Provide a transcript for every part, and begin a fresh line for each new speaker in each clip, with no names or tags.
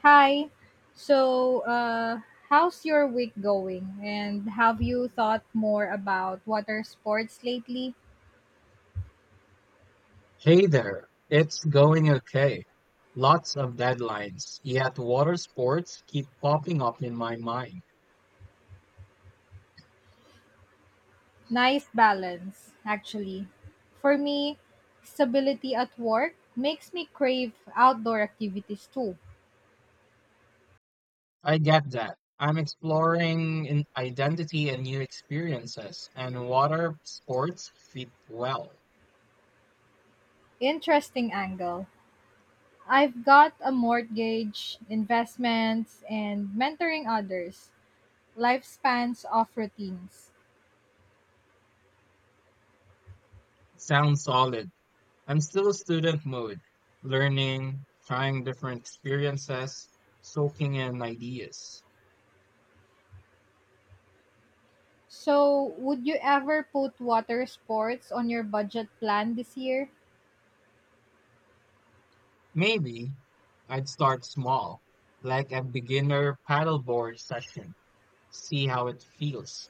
Hi. So, uh, How's your week going? And have you thought more about water sports lately?
Hey there, it's going okay. Lots of deadlines, yet water sports keep popping up in my mind.
Nice balance, actually. For me, stability at work makes me crave outdoor activities too.
I get that. I'm exploring in identity and new experiences, and water sports fit well.
Interesting angle. I've got a mortgage, investments, and mentoring others. Lifespans of routines.
Sounds solid. I'm still a student mood, learning, trying different experiences, soaking in ideas.
So, would you ever put water sports on your budget plan this year?
Maybe I'd start small, like a beginner paddleboard session. See how it feels.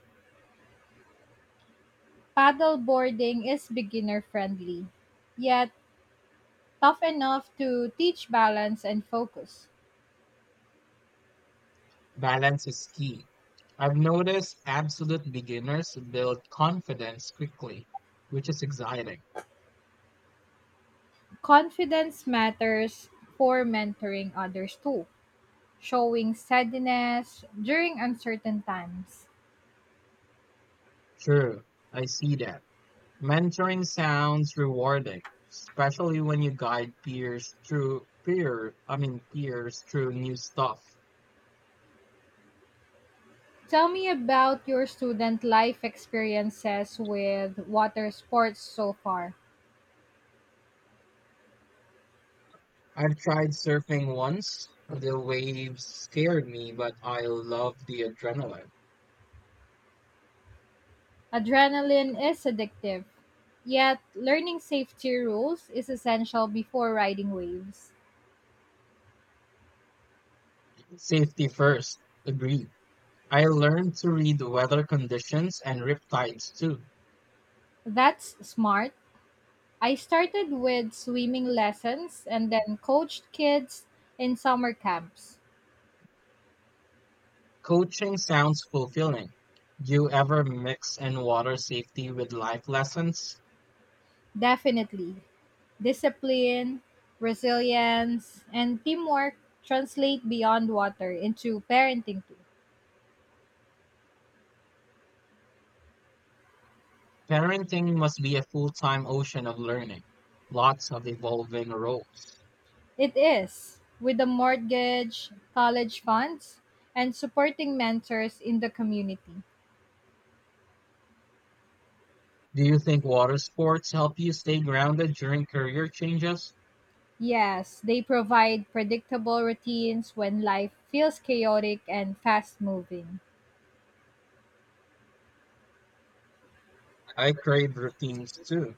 Paddle boarding is beginner friendly, yet tough enough to teach balance and focus.
Balance is key. I've noticed absolute beginners build confidence quickly, which is exciting.
Confidence matters for mentoring others too, showing steadiness during uncertain times.
True, I see that. Mentoring sounds rewarding, especially when you guide peers through new stuff.
Tell me about your student life experiences with water sports so far.
I've tried surfing once. The waves scared me, but I love the adrenaline.
Adrenaline is addictive, yet, learning safety rules is essential before riding waves.
Safety first. Agreed. I learned to read weather conditions and riptides too.
That's smart. I started with swimming lessons and then coached kids in summer camps.
Coaching sounds fulfilling. Do you ever mix in water safety with life lessons?
Definitely, discipline, resilience, and teamwork translate beyond water into parenting too.
Parenting must be a full-time ocean of learning. Lots of evolving roles.
It is, with a mortgage, college funds, and supporting mentors in the community.
Do you think water sports help you stay grounded during career changes?
Yes, they provide predictable routines when life feels chaotic and fast moving.
I crave routines too,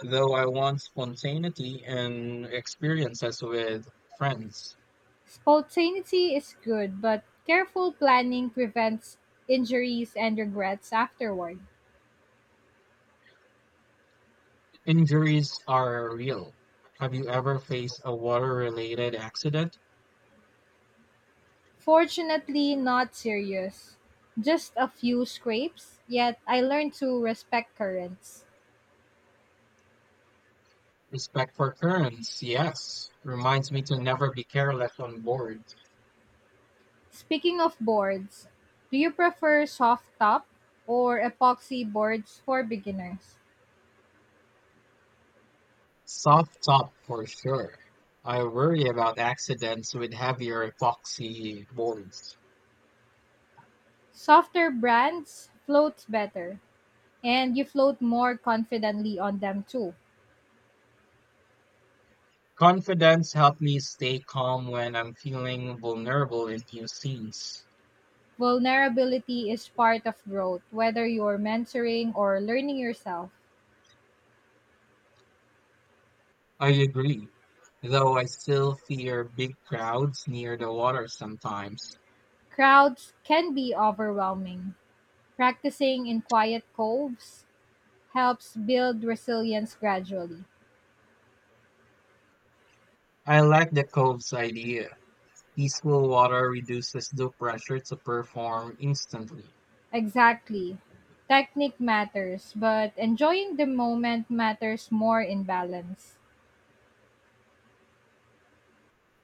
though I want spontaneity and experiences with friends.
Spontaneity is good, but careful planning prevents injuries and regrets afterward.
Injuries are real. Have you ever faced a water-related accident?
Fortunately, not serious. Just a few scrapes, yet I learned to respect currents.
Respect for currents, yes. Reminds me to never be careless on board.
Speaking of boards, do you prefer soft top or epoxy boards for beginners?
Soft top for sure. I worry about accidents with heavier epoxy boards.
Softer brands floats better and you float more confidently on them too.
Confidence helped me stay calm when I'm feeling vulnerable in new scenes.
Vulnerability is part of growth, whether you're mentoring or learning yourself.
I agree, though I still fear big crowds near the water sometimes.
Crowds can be overwhelming. Practicing in quiet coves helps build resilience gradually.
I like the cove's idea. Peaceful water reduces the pressure to perform instantly.
Exactly. Technique matters, but enjoying the moment matters more in balance.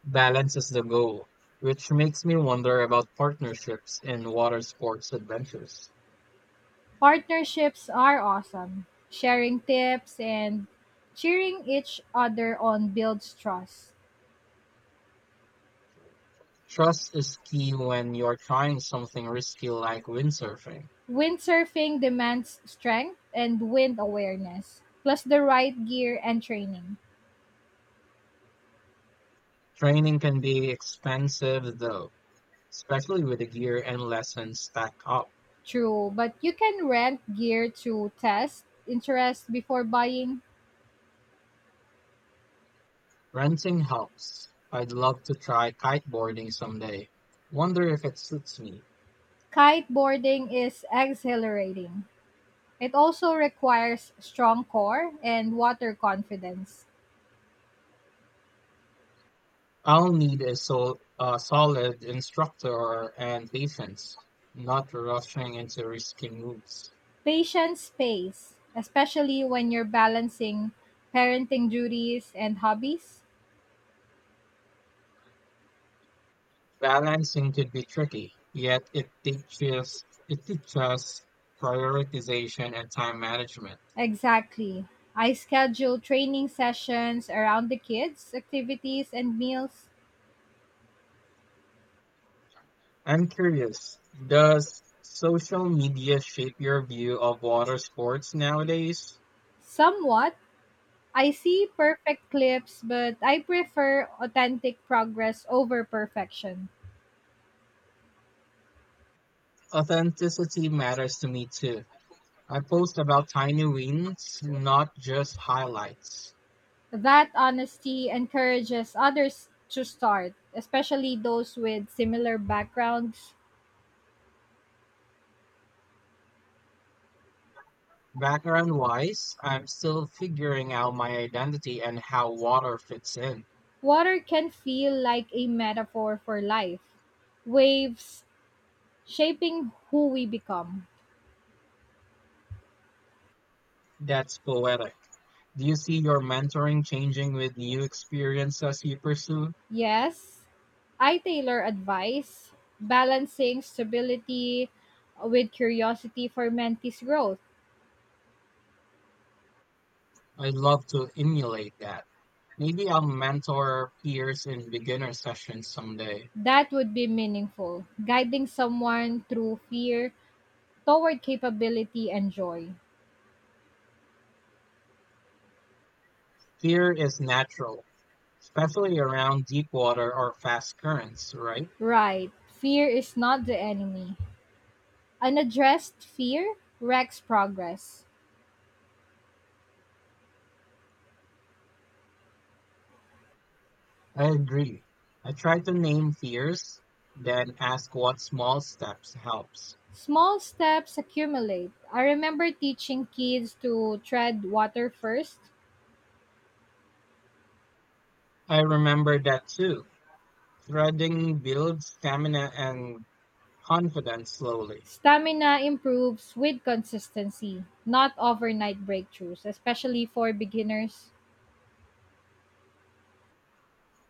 Balance is the goal, which makes me wonder about partnerships in water sports adventures.
Partnerships are awesome. Sharing tips and cheering each other on builds trust.
Trust is key when you're trying something risky like windsurfing.
Windsurfing demands strength and wind awareness, plus the right gear and training.
Training can be expensive though, especially with the gear and lessons stacked up.
True, but you can rent gear to test interest before buying.
Renting helps. I'd love to try kiteboarding someday. Wonder if it suits me.
Kiteboarding is exhilarating. It also requires strong core and water confidence.
I'll need a solid instructor and patience, not rushing into risky moves.
Patient space, especially when you're balancing parenting duties and hobbies.
Balancing could be tricky, yet it teaches prioritization and time management.
Exactly. I schedule training sessions around the kids, activities, and meals.
I'm curious, does social media shape your view of water sports nowadays?
Somewhat, I see perfect clips, but I prefer authentic progress over perfection.
Authenticity matters to me too. I post about tiny wins, not just highlights.
That honesty encourages others to start, especially those with similar backgrounds.
Background wise, I'm still figuring out my identity and how water fits in.
Water can feel like a metaphor for life, waves shaping who we become.
That's poetic. Do you see your mentoring changing with new experiences you pursue?
Yes, I tailor advice, balancing stability with curiosity for mentees' growth.
I'd love to emulate that. Maybe I'll mentor peers in beginner sessions someday.
That would be meaningful, guiding someone through fear toward capability and joy.
Fear is natural, especially around deep water or fast currents, right?
Right, fear is not the enemy. Unaddressed fear wrecks progress.
I agree. I try to name fears, then ask what small steps helps.
Small steps accumulate. I remember teaching kids to tread water first.
I remember that too. Threading builds stamina and confidence slowly.
Stamina improves with consistency, not overnight breakthroughs, especially for beginners.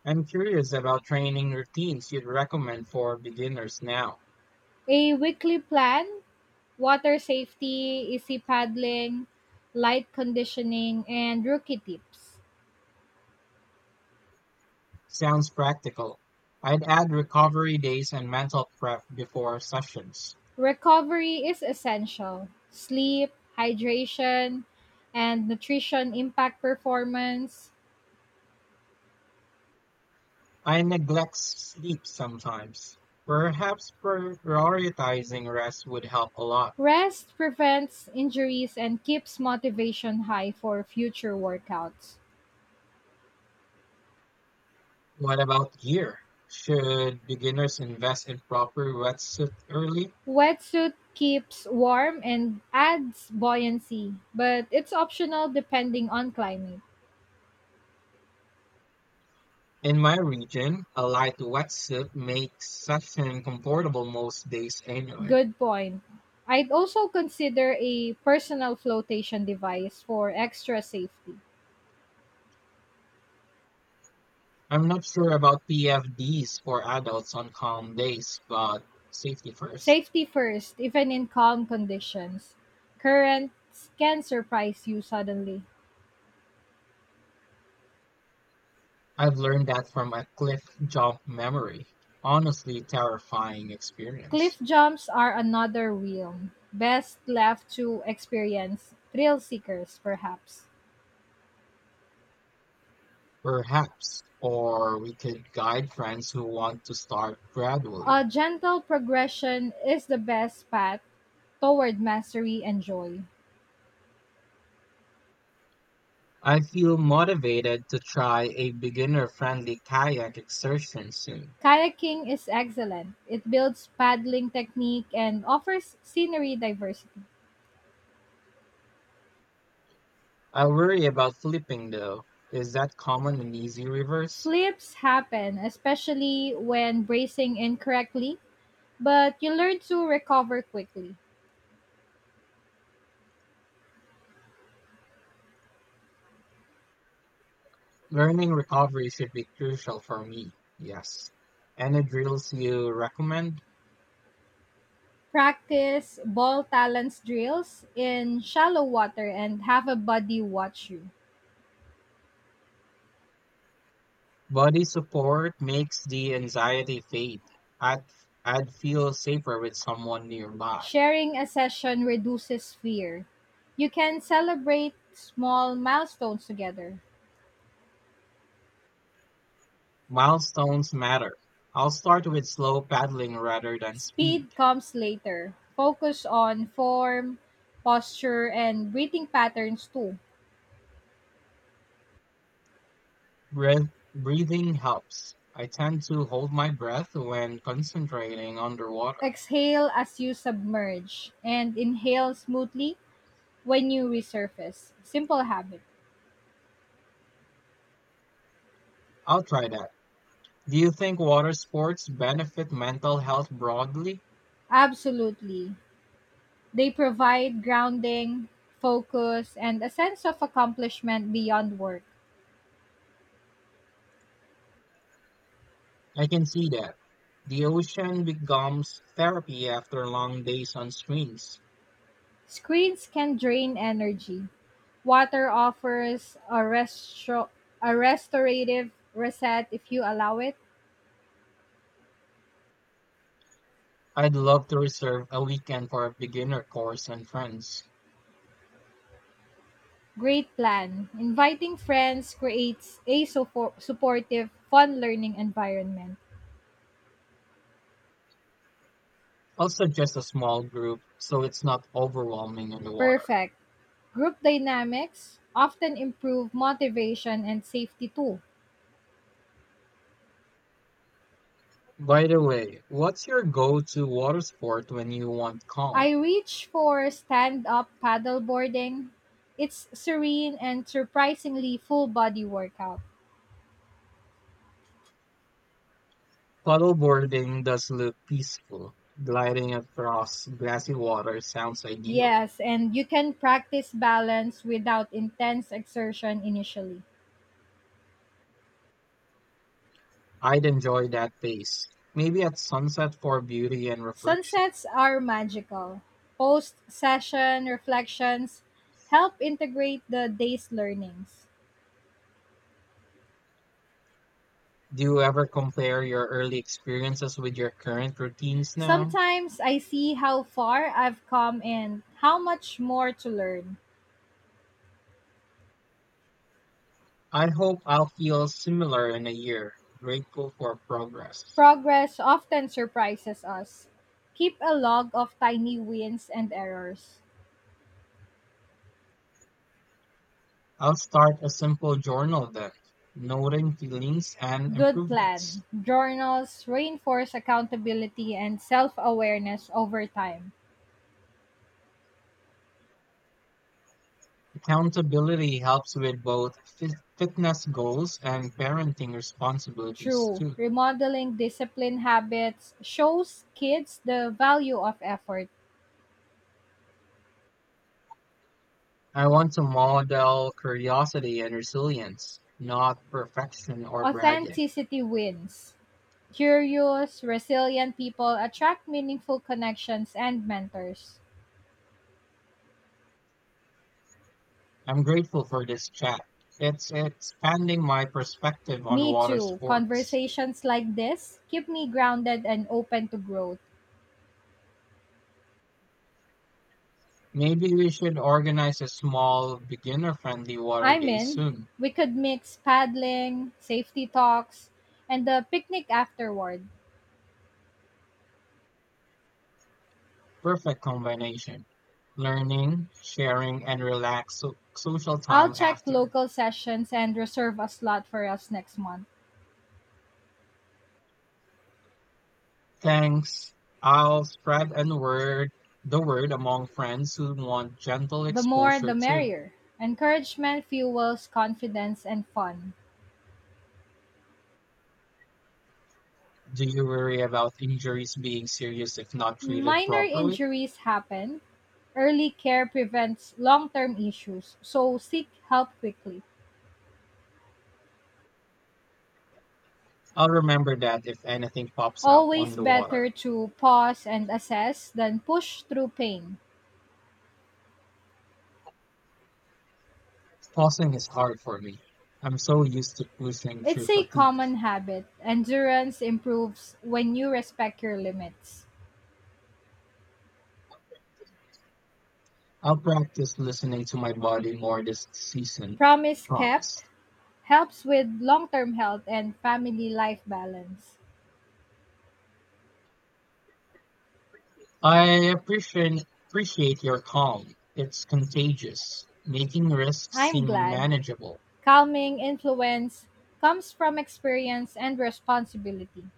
I'm curious about training routines you'd recommend for beginners now.
A weekly plan, water safety, easy paddling, light conditioning, and rookie tips.
Sounds practical. I'd add recovery days and mental prep before sessions.
Recovery is essential. Sleep, hydration, and nutrition impact performance.
I neglect sleep sometimes. Perhaps prioritizing rest would help a lot.
Rest prevents injuries and keeps motivation high for future workouts.
What about gear? Should beginners invest in proper wetsuit early?
Wetsuit keeps warm and adds buoyancy, but it's optional depending on climate.
In my region, a light wetsuit makes session comfortable most days anyway.
Good point. I'd also consider a personal flotation device for extra safety.
I'm not sure about PFDs for adults on calm days, but safety first.
Safety first, even in calm conditions. Currents can surprise you suddenly.
I've learned that from a cliff jump memory. Honestly, terrifying
Cliff
experience.
jumps are another realm, best left to experience thrill seekers, perhaps.
Perhaps, or we could guide friends who want to start
A
gradually.
gentle progression is the best path toward mastery and joy.
I feel motivated to try a beginner friendly kayak excursion soon.
Kayaking is excellent. It builds paddling technique and offers scenery diversity.
I worry about flipping though. Is that common and easy reverse?
Flips happen, especially when bracing incorrectly, but you learn to recover quickly.
Learning recovery should be crucial for me, yes. Any drills you recommend?
Practice ball talents drills in shallow water and have a buddy watch you.
Body support makes the anxiety fade. I'd, I'd feel safer with someone nearby.
Sharing a session reduces fear. You can celebrate small milestones together.
Milestones matter. I'll start with slow paddling rather than speed.
Speed comes later. Focus on form, posture, and breathing patterns too.
Breathing helps. I tend to hold my breath when concentrating underwater.
Exhale as you submerge and inhale smoothly when you resurface. Simple habit.
I'll try that. Do you think water sports benefit mental health broadly?
Absolutely. They provide grounding, focus, and a sense of accomplishment beyond work.
I can see that. The ocean becomes therapy after long days on screens.
Screens can drain energy. Water offers a restorative reset if you allow it.
I'd love to reserve a weekend for a beginner course and friends.
Great plan. Inviting friends creates a supportive, fun learning environment.
Also, just a small group so it's not overwhelming in the water.
Perfect. Group dynamics often improve motivation and safety too.
By the way, what's your go to water sport when you want calm?
I reach for stand up paddleboarding. It's serene and surprisingly full body workout.
Paddleboarding does look peaceful. Gliding across glassy water sounds ideal.
Yes, and you can practice balance without intense exertion initially.
I'd enjoy that pace. Maybe at sunset for beauty and reflection.
Sunsets are magical. Post session reflections help integrate the day's learnings.
Do you ever compare your early experiences with your current routines now?
Sometimes I see how far I've come and how much more to learn.
I hope I'll feel similar in a year, grateful for progress.
Progress often surprises us. Keep a log of tiny wins and errors.
I'll start a simple journal then, noting feelings and
Good plan.
improvements.
Journals reinforce accountability and self awareness over time.
Accountability helps with both fitness goals and parenting responsibilities
True,
too.
remodeling discipline habits shows kids the value of effort.
I want to model curiosity and resilience, not perfection or bragging.
Authenticity wins. Curious, resilient people attract meaningful connections and mentors.
I'm grateful for this chat. It's expanding my perspective on
Me
water
too.
sports.
Conversations like this keep me grounded and open to growth.
Maybe we should organize a small beginner friendly water
I'm
day
in.
soon.
We could mix paddling, safety talks, and the picnic afterward.
Perfect combination. Learning, sharing, and relaxed social
I'll
time
check
after.
local sessions and reserve a slot for us next month.
Thanks. I'll spread and word the word among friends who want gentle
The more the
exposure too.
merrier. Encouragement fuels confidence and fun.
Do you worry about injuries being serious if not treated
Minor
properly?
injuries happen. Early care prevents long term issues, so seek help quickly.
I'll remember that if anything pops up
Always
on the
better
water.
to pause and assess than push through pain.
Pausing is hard for me. I'm so used to pushing
It's
through
a
fatigue.
common habit. Endurance improves when you respect your limits.
I'll practice listening to my body more this season,
Promise
promise.
kept helps with long term health and family life balance.
I appreciate your calm. It's contagious, making risks
I'm
seem
glad
manageable.
calming influence comes from experience and responsibility.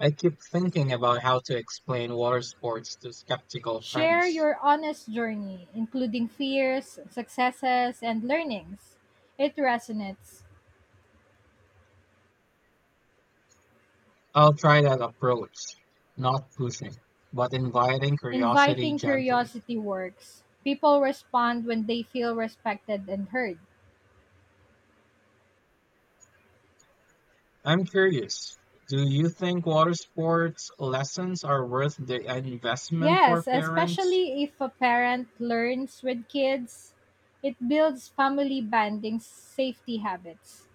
I keep thinking about how to explain water sports to skeptical
Share
friends.
your honest journey, including fears, successes, and learnings. It resonates.
I'll try that approach, not pushing, but inviting curiosity
Inviting
gently.
curiosity works. People respond when they feel respected and heard.
I'm curious, do you think water sports lessons are worth the investment for
Yes,
parents?
especially if a parent learns with kids, it builds family bonding safety habits.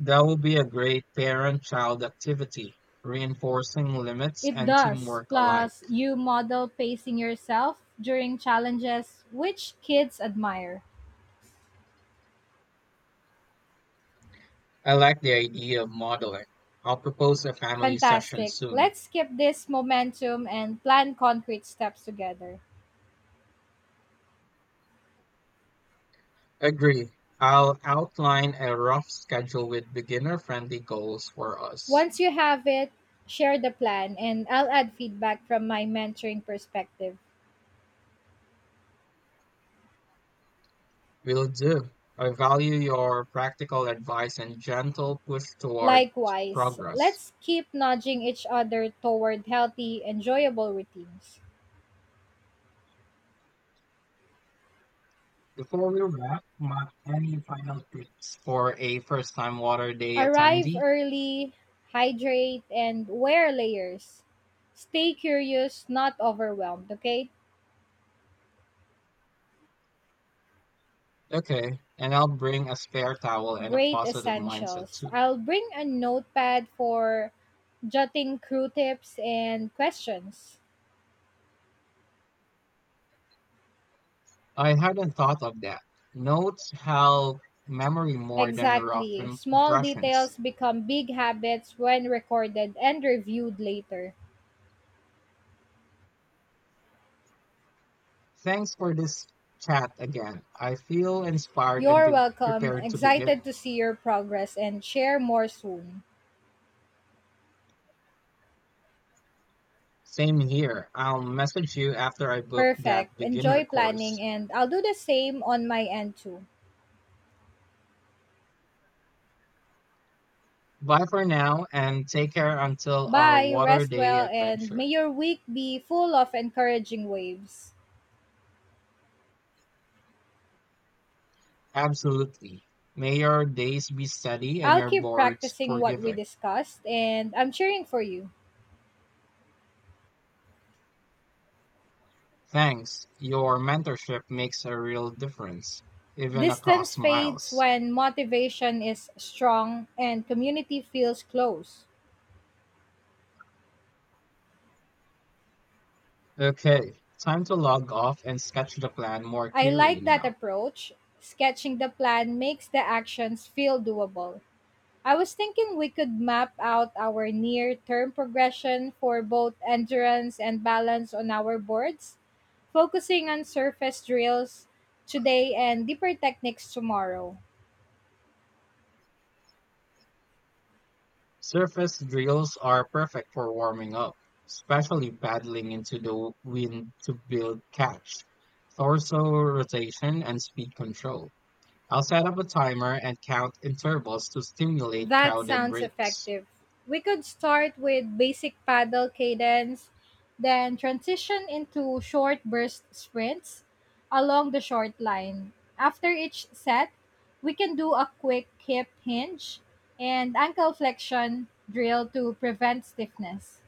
That would be a great parent-child activity, reinforcing limits
It
and
does.
teamwork alike.
Plus, you model pacing yourself during challenges, which kids admire.
I like the idea of modeling. I'll propose a family session
Fantastic.
soon.
Let's keep this momentum and plan concrete steps together.
Agree. I'll outline a rough schedule with beginner-friendly goals for us.
Once you have it, share the plan, and I'll add feedback from my mentoring perspective.
Will do. I value your practical advice and gentle push toward
Likewise,
progress.
let's keep nudging each other toward healthy, enjoyable routines.
Before we wrap, Mark, any final tips for a first-time water day
Arrive
attendee?
early, hydrate, and wear layers. Stay curious, not overwhelmed, okay?
Okay, and I'll bring a spare towel and a
Great
positive mindset
essentials.
too.
I'll bring a notepad for jotting crew tips and questions.
I hadn't thought of that. Notes help memory more than rough
Exactly. Small details
impressions.
become big habits when recorded and reviewed later.
Thanks for this chat again. I feel inspired and
You're welcome.
prepared to begin.
Excited to see your progress and share more soon.
Same here. I'll message you after I book
Perfect.
that
Enjoy
beginner
planning,
course.
and I'll do the same on my end too.
Bye for now and take care until our
Bye,
water
rest
day
well, and
adventure.
may your week be full of encouraging waves.
Absolutely. May your days be steady and
I'll
your
keep
boards
practicing what we
forgiving.
discussed, and I'm cheering for you.
Thanks. Your mentorship makes a real difference, even
Distance
across
fades
miles.
when motivation is strong and community feels close.
Okay, time to log off and sketch the plan more
I
clearly
like that
now.
approach. Sketching the plan makes the actions feel doable. I was thinking we could map out our near term progression for both endurance and balance on our boards, focusing on surface drills today and deeper techniques tomorrow.
Surface drills are perfect for warming up, especially paddling into the wind to build catch, torso rotation, and speed control. I'll set up a timer and count intervals to stimulate
That
crowded
sounds
breaks.
effective. We could start with basic paddle cadence, then transition into short burst sprints along the short line. After each set, we can do a quick hip hinge and ankle flexion drill to prevent stiffness.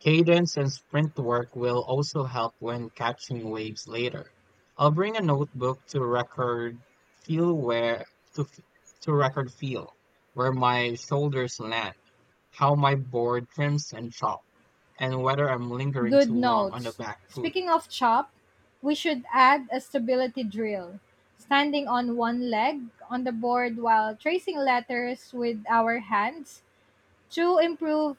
Cadence and sprint work will also help when catching waves later. I'll bring a notebook to record feel where to, f- to record feel where my shoulders land, how my board trims and chops, and whether I'm lingering too
Good
long on the
notes.
back foot.
Speaking of chop, we should add a stability drill. Standing on one leg on the board while tracing letters with our hands to improve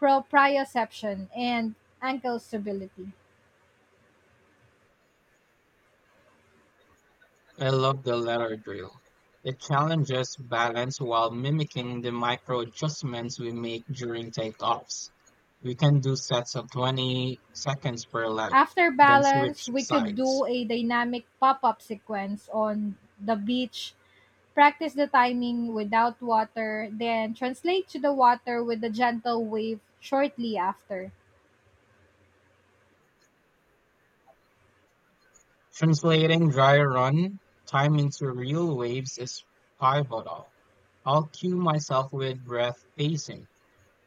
proprioception and ankle stability.
I love the latter drill. It challenges balance while mimicking the micro adjustments we make during takeoffs. We can do sets of 20 seconds per leg,
After
then
balance,
switch
we could do
sides.
a dynamic pop up sequence on the beach, practice the timing without water, then translate to the water with a gentle wave shortly after.
Translating dry run time into real waves is pivotal. I'll cue myself with breath pacing.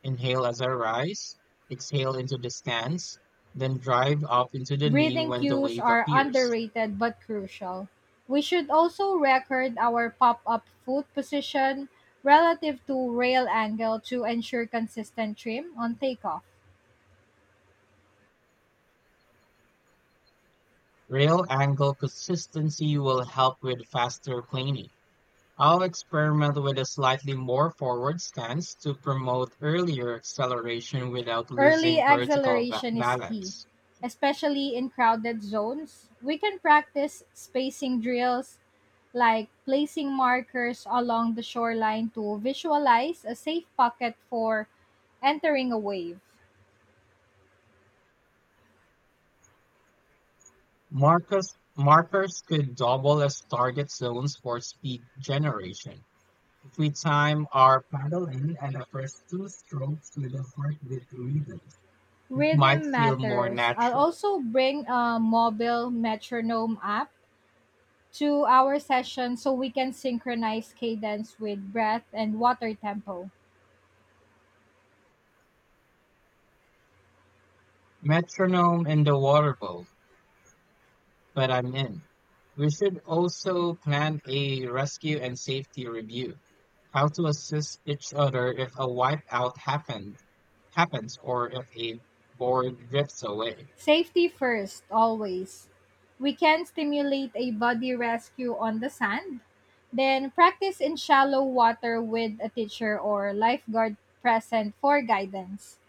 Inhale as I rise, exhale into the stance, then drive up into the knee
Breathing
when the
cues
wave
are
appears.
underrated but crucial. We should also record our pop up foot position relative to rail angle to ensure consistent trim on takeoff.
Rail angle consistency will help with faster planing. I'll experiment with a slightly more forward stance to promote earlier acceleration without
Early
losing vertical
acceleration is key,
balance.
especially in crowded zones. We can practice spacing drills like placing markers along the shoreline to visualize a safe pocket for entering a wave.
Markers could double as target zones for speed generation. If we time our paddle in and the first two strokes with a heartbeat rhythm, it might
Rhythm
feel more
matters. I'll
natural.
also bring a mobile metronome app to our session so we can synchronize cadence with breath and water tempo.
Metronome in the water bowl, but I'm in. We should also plan a rescue and safety review. How to assist each other if a happens or if a board drifts away.
Safety first, always. We can stimulate a body rescue on the sand, then practice in shallow water with a teacher or lifeguard present for guidance.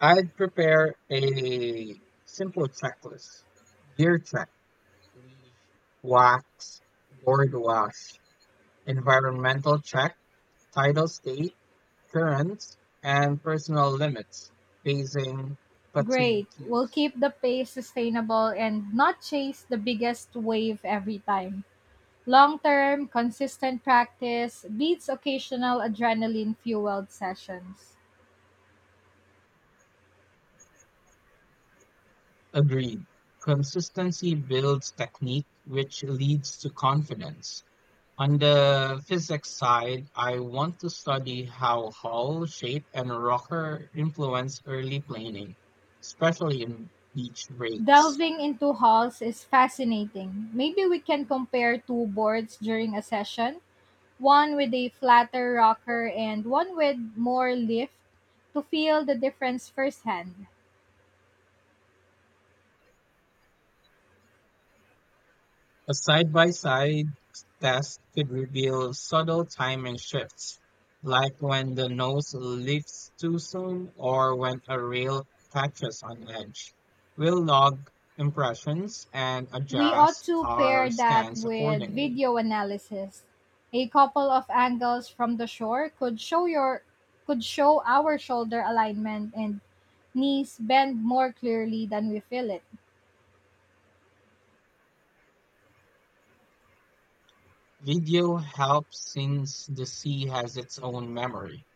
I'd prepare a simple checklist. Gear check, leash, wax, board wash, environmental check, Titles 8, currents, and personal limits, phasing, fatigue
Great. We'll
cues.
keep the pace sustainable and not chase the biggest wave every time. Long term, consistent practice beats occasional adrenaline fueled sessions.
Agreed. Consistency builds technique, which leads to confidence. On the physics side, I want to study how hull shape and rocker influence early planing, especially in beach breaks.
Delving into halls is fascinating. Maybe we can compare two boards during a session, one with a flatter rocker and one with more lift, to feel the difference firsthand.
A side-by-side test could reveal subtle timing shifts, like when the nose lifts too soon or when a rail catches on edge. We'll log impressions and
We ought
adjust
to pair
our
that
stance
with
accordingly.
video analysis. A couple of angles from the shore could show your could show our shoulder alignment and knees bend more clearly than we feel it.
Video helps since the sea has its own memory.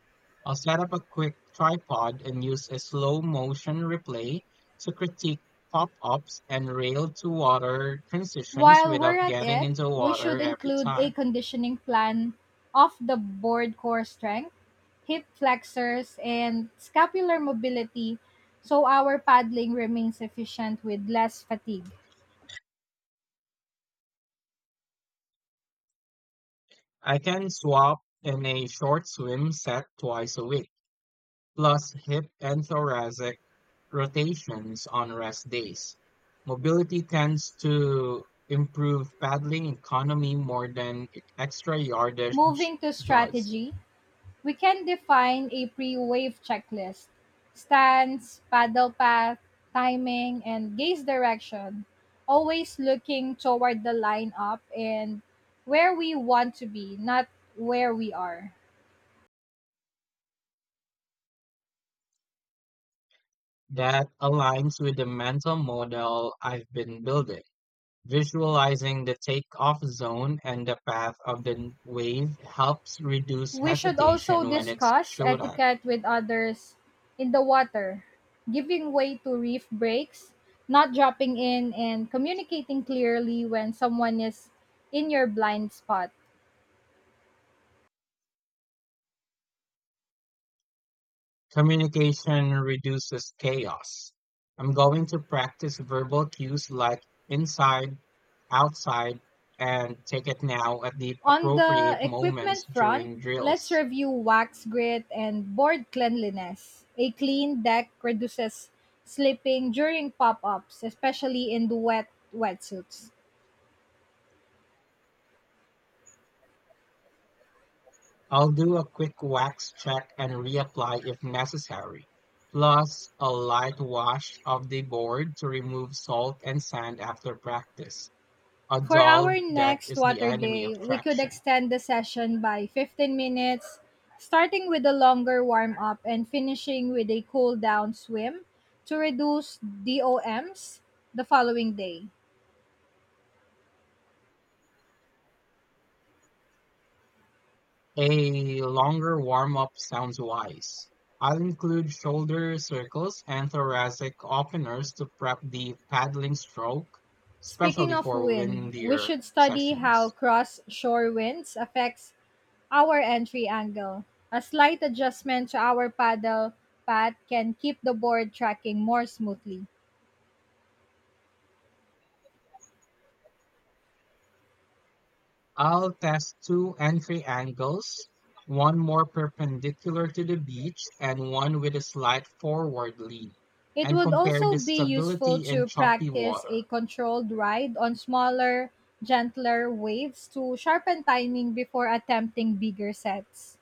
I'll set up a quick tripod and use a slow motion replay to critique pop ups and rail to water transitions
While we're
without
at
getting
it,
into
we
water
should
every
include a
time.
conditioning plan of the board core strength, hip flexors, and scapular mobility so our paddling remains efficient with less fatigue.
I can swap in a short swim set twice a week, plus hip and thoracic rotations on rest days. Mobility tends to improve paddling economy more than extra yardage
Moving to
does.
strategy, we can define a pre-wave checklist: stance, paddle path, timing, and gaze direction, always looking toward the line up and where we want to be, not where we are.
That aligns with the mental model I've been building. Visualizing the takeoff zone and the path of the wave helps reduce
We should also
hesitation when it's
discuss
showed up.
etiquette with others in the water, giving way to reef breaks, not dropping in, and communicating clearly when someone is in your blind spot.
Communication reduces chaos. I'm going to practice verbal cues like inside, outside, and take it now at the
On the
appropriate
equipment
moments
front,
during
let's
drills.
review wax grit and board cleanliness. A clean deck reduces slipping during pop ups, especially in the wetsuits.
I'll do a quick wax check and reapply if necessary, plus a light wash of the board to remove salt and sand after practice. A
For
dull
our
deck
next
is the
water
enemy of
day, we could
traction.
extend the session by 15 minutes, starting with a longer warm up and finishing with a cool down swim to reduce DOMs the following day.
A longer warm up sounds wise. I'll include shoulder circles and thoracic openers to prep the paddling stroke,
Speaking
especially
of
for
wind, we
windier
should study how
sessions.
cross-shore winds affects our entry angle. A slight adjustment to our paddle pad can keep the board tracking more smoothly.
I'll test two entry angles, one more perpendicular to the beach and one with a slight forward lean,
It
and
would
compare
also
the
be useful
stability in
to
choppy
practice a
water.
controlled ride on smaller, gentler waves to sharpen timing before attempting bigger sets.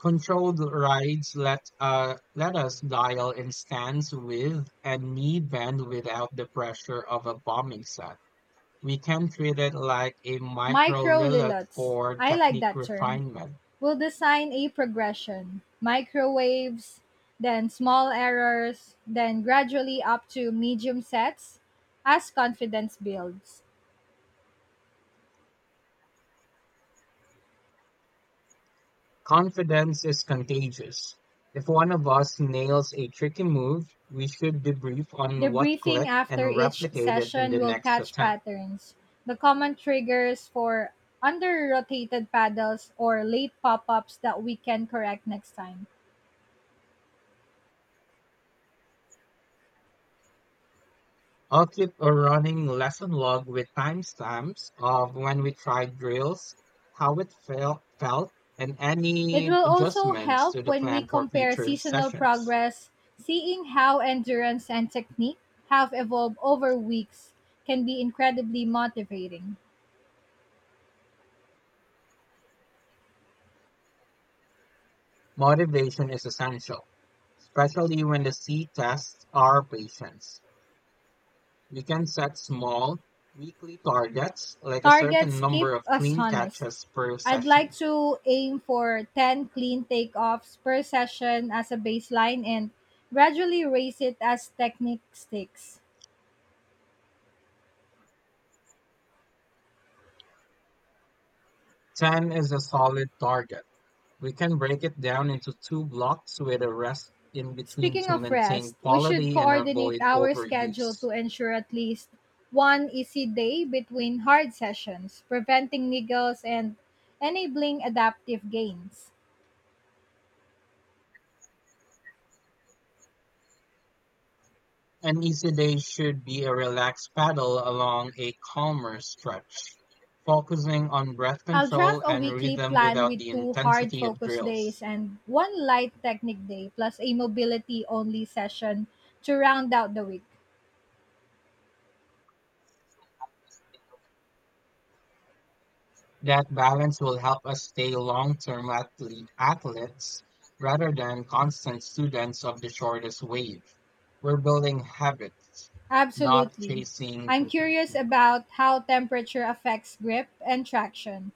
Controlled rides let us dial in stance with and knee bend without the pressure of a bombing set. We can treat it like a micro
Micro
lilith
lillots.
for
I like
technique
that term.
refinement.
We'll design a progression: microwaves, then small errors, then gradually up to medium sets as confidence builds.
Confidence is contagious. If one of us nails a tricky move, we should debrief
The
on what
briefing
clicked
after
and
each
replicate it in
session
the
will
next
catch
attempt.
patterns, the common triggers for under rotated paddles or late pop ups that we can correct next time.
I'll keep a running lesson log with timestamps of when we tried drills, how it felt, and
It
any
will also
adjustments
help
to the
when we
plan for
compare
future
seasonal
sessions.
progress, seeing how endurance and technique have evolved over weeks can be incredibly motivating.
Motivation is essential, especially when the C tests are patience. You can set small, weekly targets, like a certain
Targets keep
number of
us
clean
honest.
catches per
I'd like
session.
to aim for 10 clean takeoffs per session as a baseline and gradually raise it as technique sticks.
10 is a solid target. We can break it down into two blocks with a rest in between
Speaking
to
of
maintain
rest, we should
quality and
coordinate
avoid
our schedule
overuse.
to ensure at least one easy day between hard sessions, preventing niggles and enabling adaptive gains.
An easy day should be a relaxed paddle along a calmer stretch, focusing on breath
I'll draft
control
a
and
weekly
rhythm
plan
without
with
the
two hard
intensity of
focus days
drills.
and one light technique day plus a mobility only session to round out the week.
That balance will help us stay long-term athletes rather than constant students of the shortest wave. We're building habits, not
Absolutely.
chasing
I'm curious
perfection.
about how temperature affects grip and traction.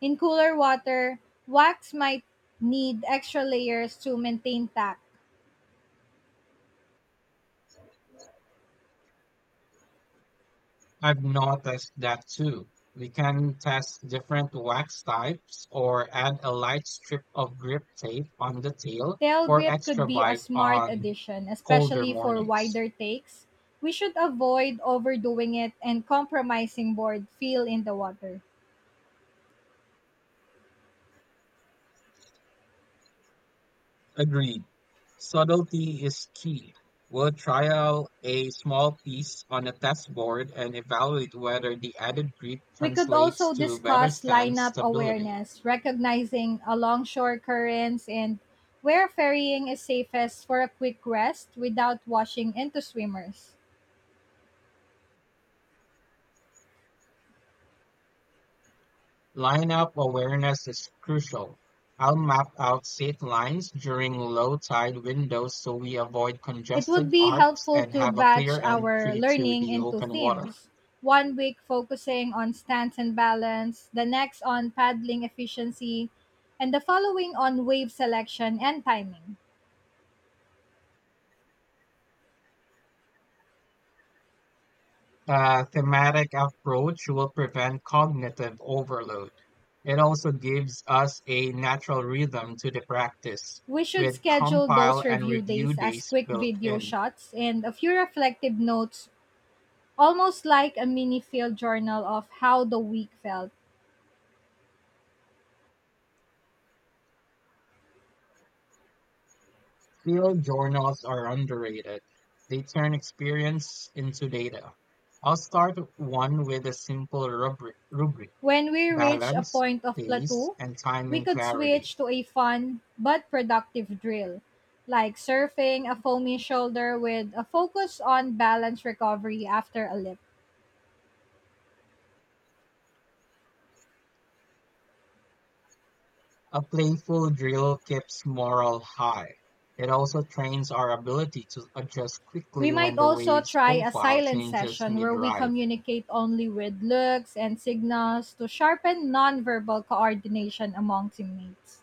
In cooler water, wax might need extra layers to maintain tack.
I've noticed that too. We can test different wax types or add a light strip of grip tape on the tail
Tail
for
grip could
extra
be a
bite
smart
on
addition,
colder
especially for
mornings.
wider takes. We should avoid overdoing it and compromising board feel in the water.
Agreed. Subtlety is key. We'll trial a small piece on a test board and evaluate whether the added grip
We could
translates
also
to better
discuss
stand
lineup
stability.
awareness, recognizing alongshore currents and where ferrying is safest for a quick rest without washing into swimmers.
Lineup awareness is crucial. I'll map out safe lines during low tide windows so we avoid
It would
congested
be
arcs
helpful
and
to
have a
batch
clear
our
entry to
learning
the
into
open water.
themes. One week focusing on stance and balance, the next on paddling efficiency, and the following on wave selection and timing.
A thematic approach will prevent cognitive overload. It also gives us a natural rhythm to the practice,
We should
with
schedule those
compile and
review days
review
as
days
quick
built
video
in.
shots and a few reflective notes, almost like a mini field journal of how the week felt.
Field journals are underrated. They turn experience into data. I'll start one with a simple rubric:
When we reached a
balance,
point of
pace,
plateau,
and
we
timing
could switch
clarity.
to a fun but productive drill, like surfing a foamy shoulder with a focus on balance recovery after a lip.
A playful drill keeps morale high. It also trains our ability to adjust
We
quickly
might
when the
also
wave's
try a
profile
silent
changes
session where
mid
we
ride.
communicate only with looks and signals to sharpen nonverbal coordination among teammates.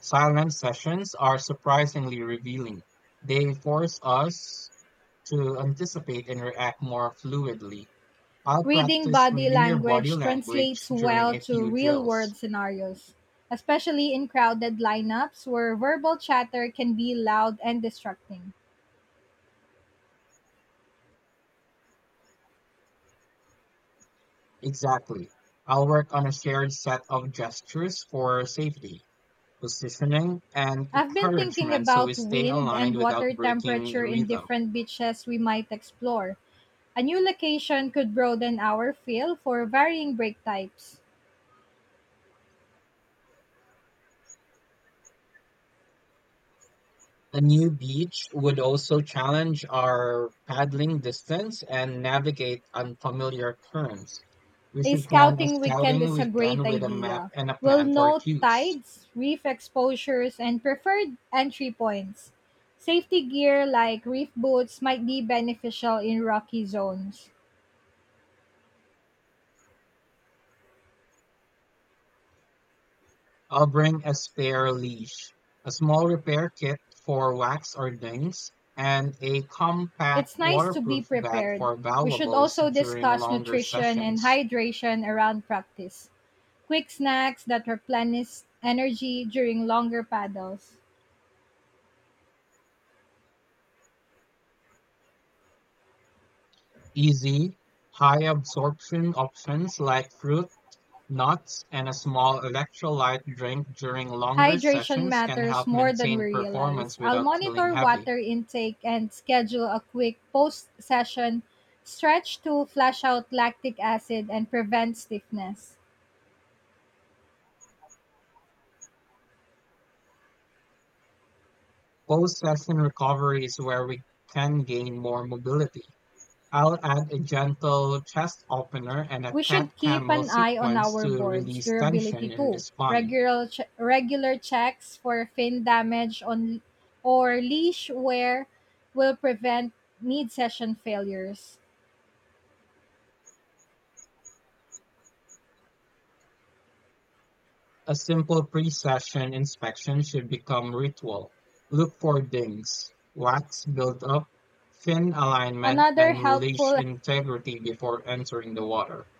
Silent sessions are surprisingly revealing. They force us to anticipate and react more fluidly. I'll
Reading
practice
body
reading your body
language
language
translates
during
well
a
to
few
real
drills.
world scenarios, especially in crowded lineups where verbal chatter can be loud and distracting.
Exactly. I'll work on a shared set of gestures for safety, positioning, and
I've been thinking
encouragement so we
about
stay
wind and
aligned without
water
breaking
temperature in
rhythm.
different beaches we might explore. A new location could broaden our feel for varying break types.
A new beach would also challenge our paddling distance and navigate unfamiliar currents. We
A
should plan a
scouting weekend
scouting
is a great
weekend with a map
idea.
and a
We'll
plan for
note
cues.
tides, reef exposures, and preferred entry points. Safety gear like reef boots might be beneficial in rocky zones.
I'll bring a spare leash, a small repair kit for wax or dings, and a compact
It's nice to be
waterproof bag
prepared.
for
We should
valuables
also
during
discuss
longer
nutrition and
sessions.
hydration around practice. Quick snacks that replenish energy during longer paddles.
Easy, high absorption options like fruit, nuts, and a small electrolyte drink during longer
Hydration
sessions can
matters
help
more than we
maintain
realize.
performance
I'll
without feeling
monitor
heavy.
water intake and schedule a quick post session stretch to flush out lactic acid and prevent stiffness.
Post-session recovery is where we can gain more mobility. I'll add a gentle chest opener and a
We
cat
should keep
camel
an eye on
sequence
our
to
board's
release
durability
tension in the
too.
spine.
Regular checks for fin damage on or leash wear will prevent mid session failures.
A simple pre-session inspection should become ritual. Look for dings, wax buildup, fin alignment,
Another
and leash
helpful
integrity before entering the water.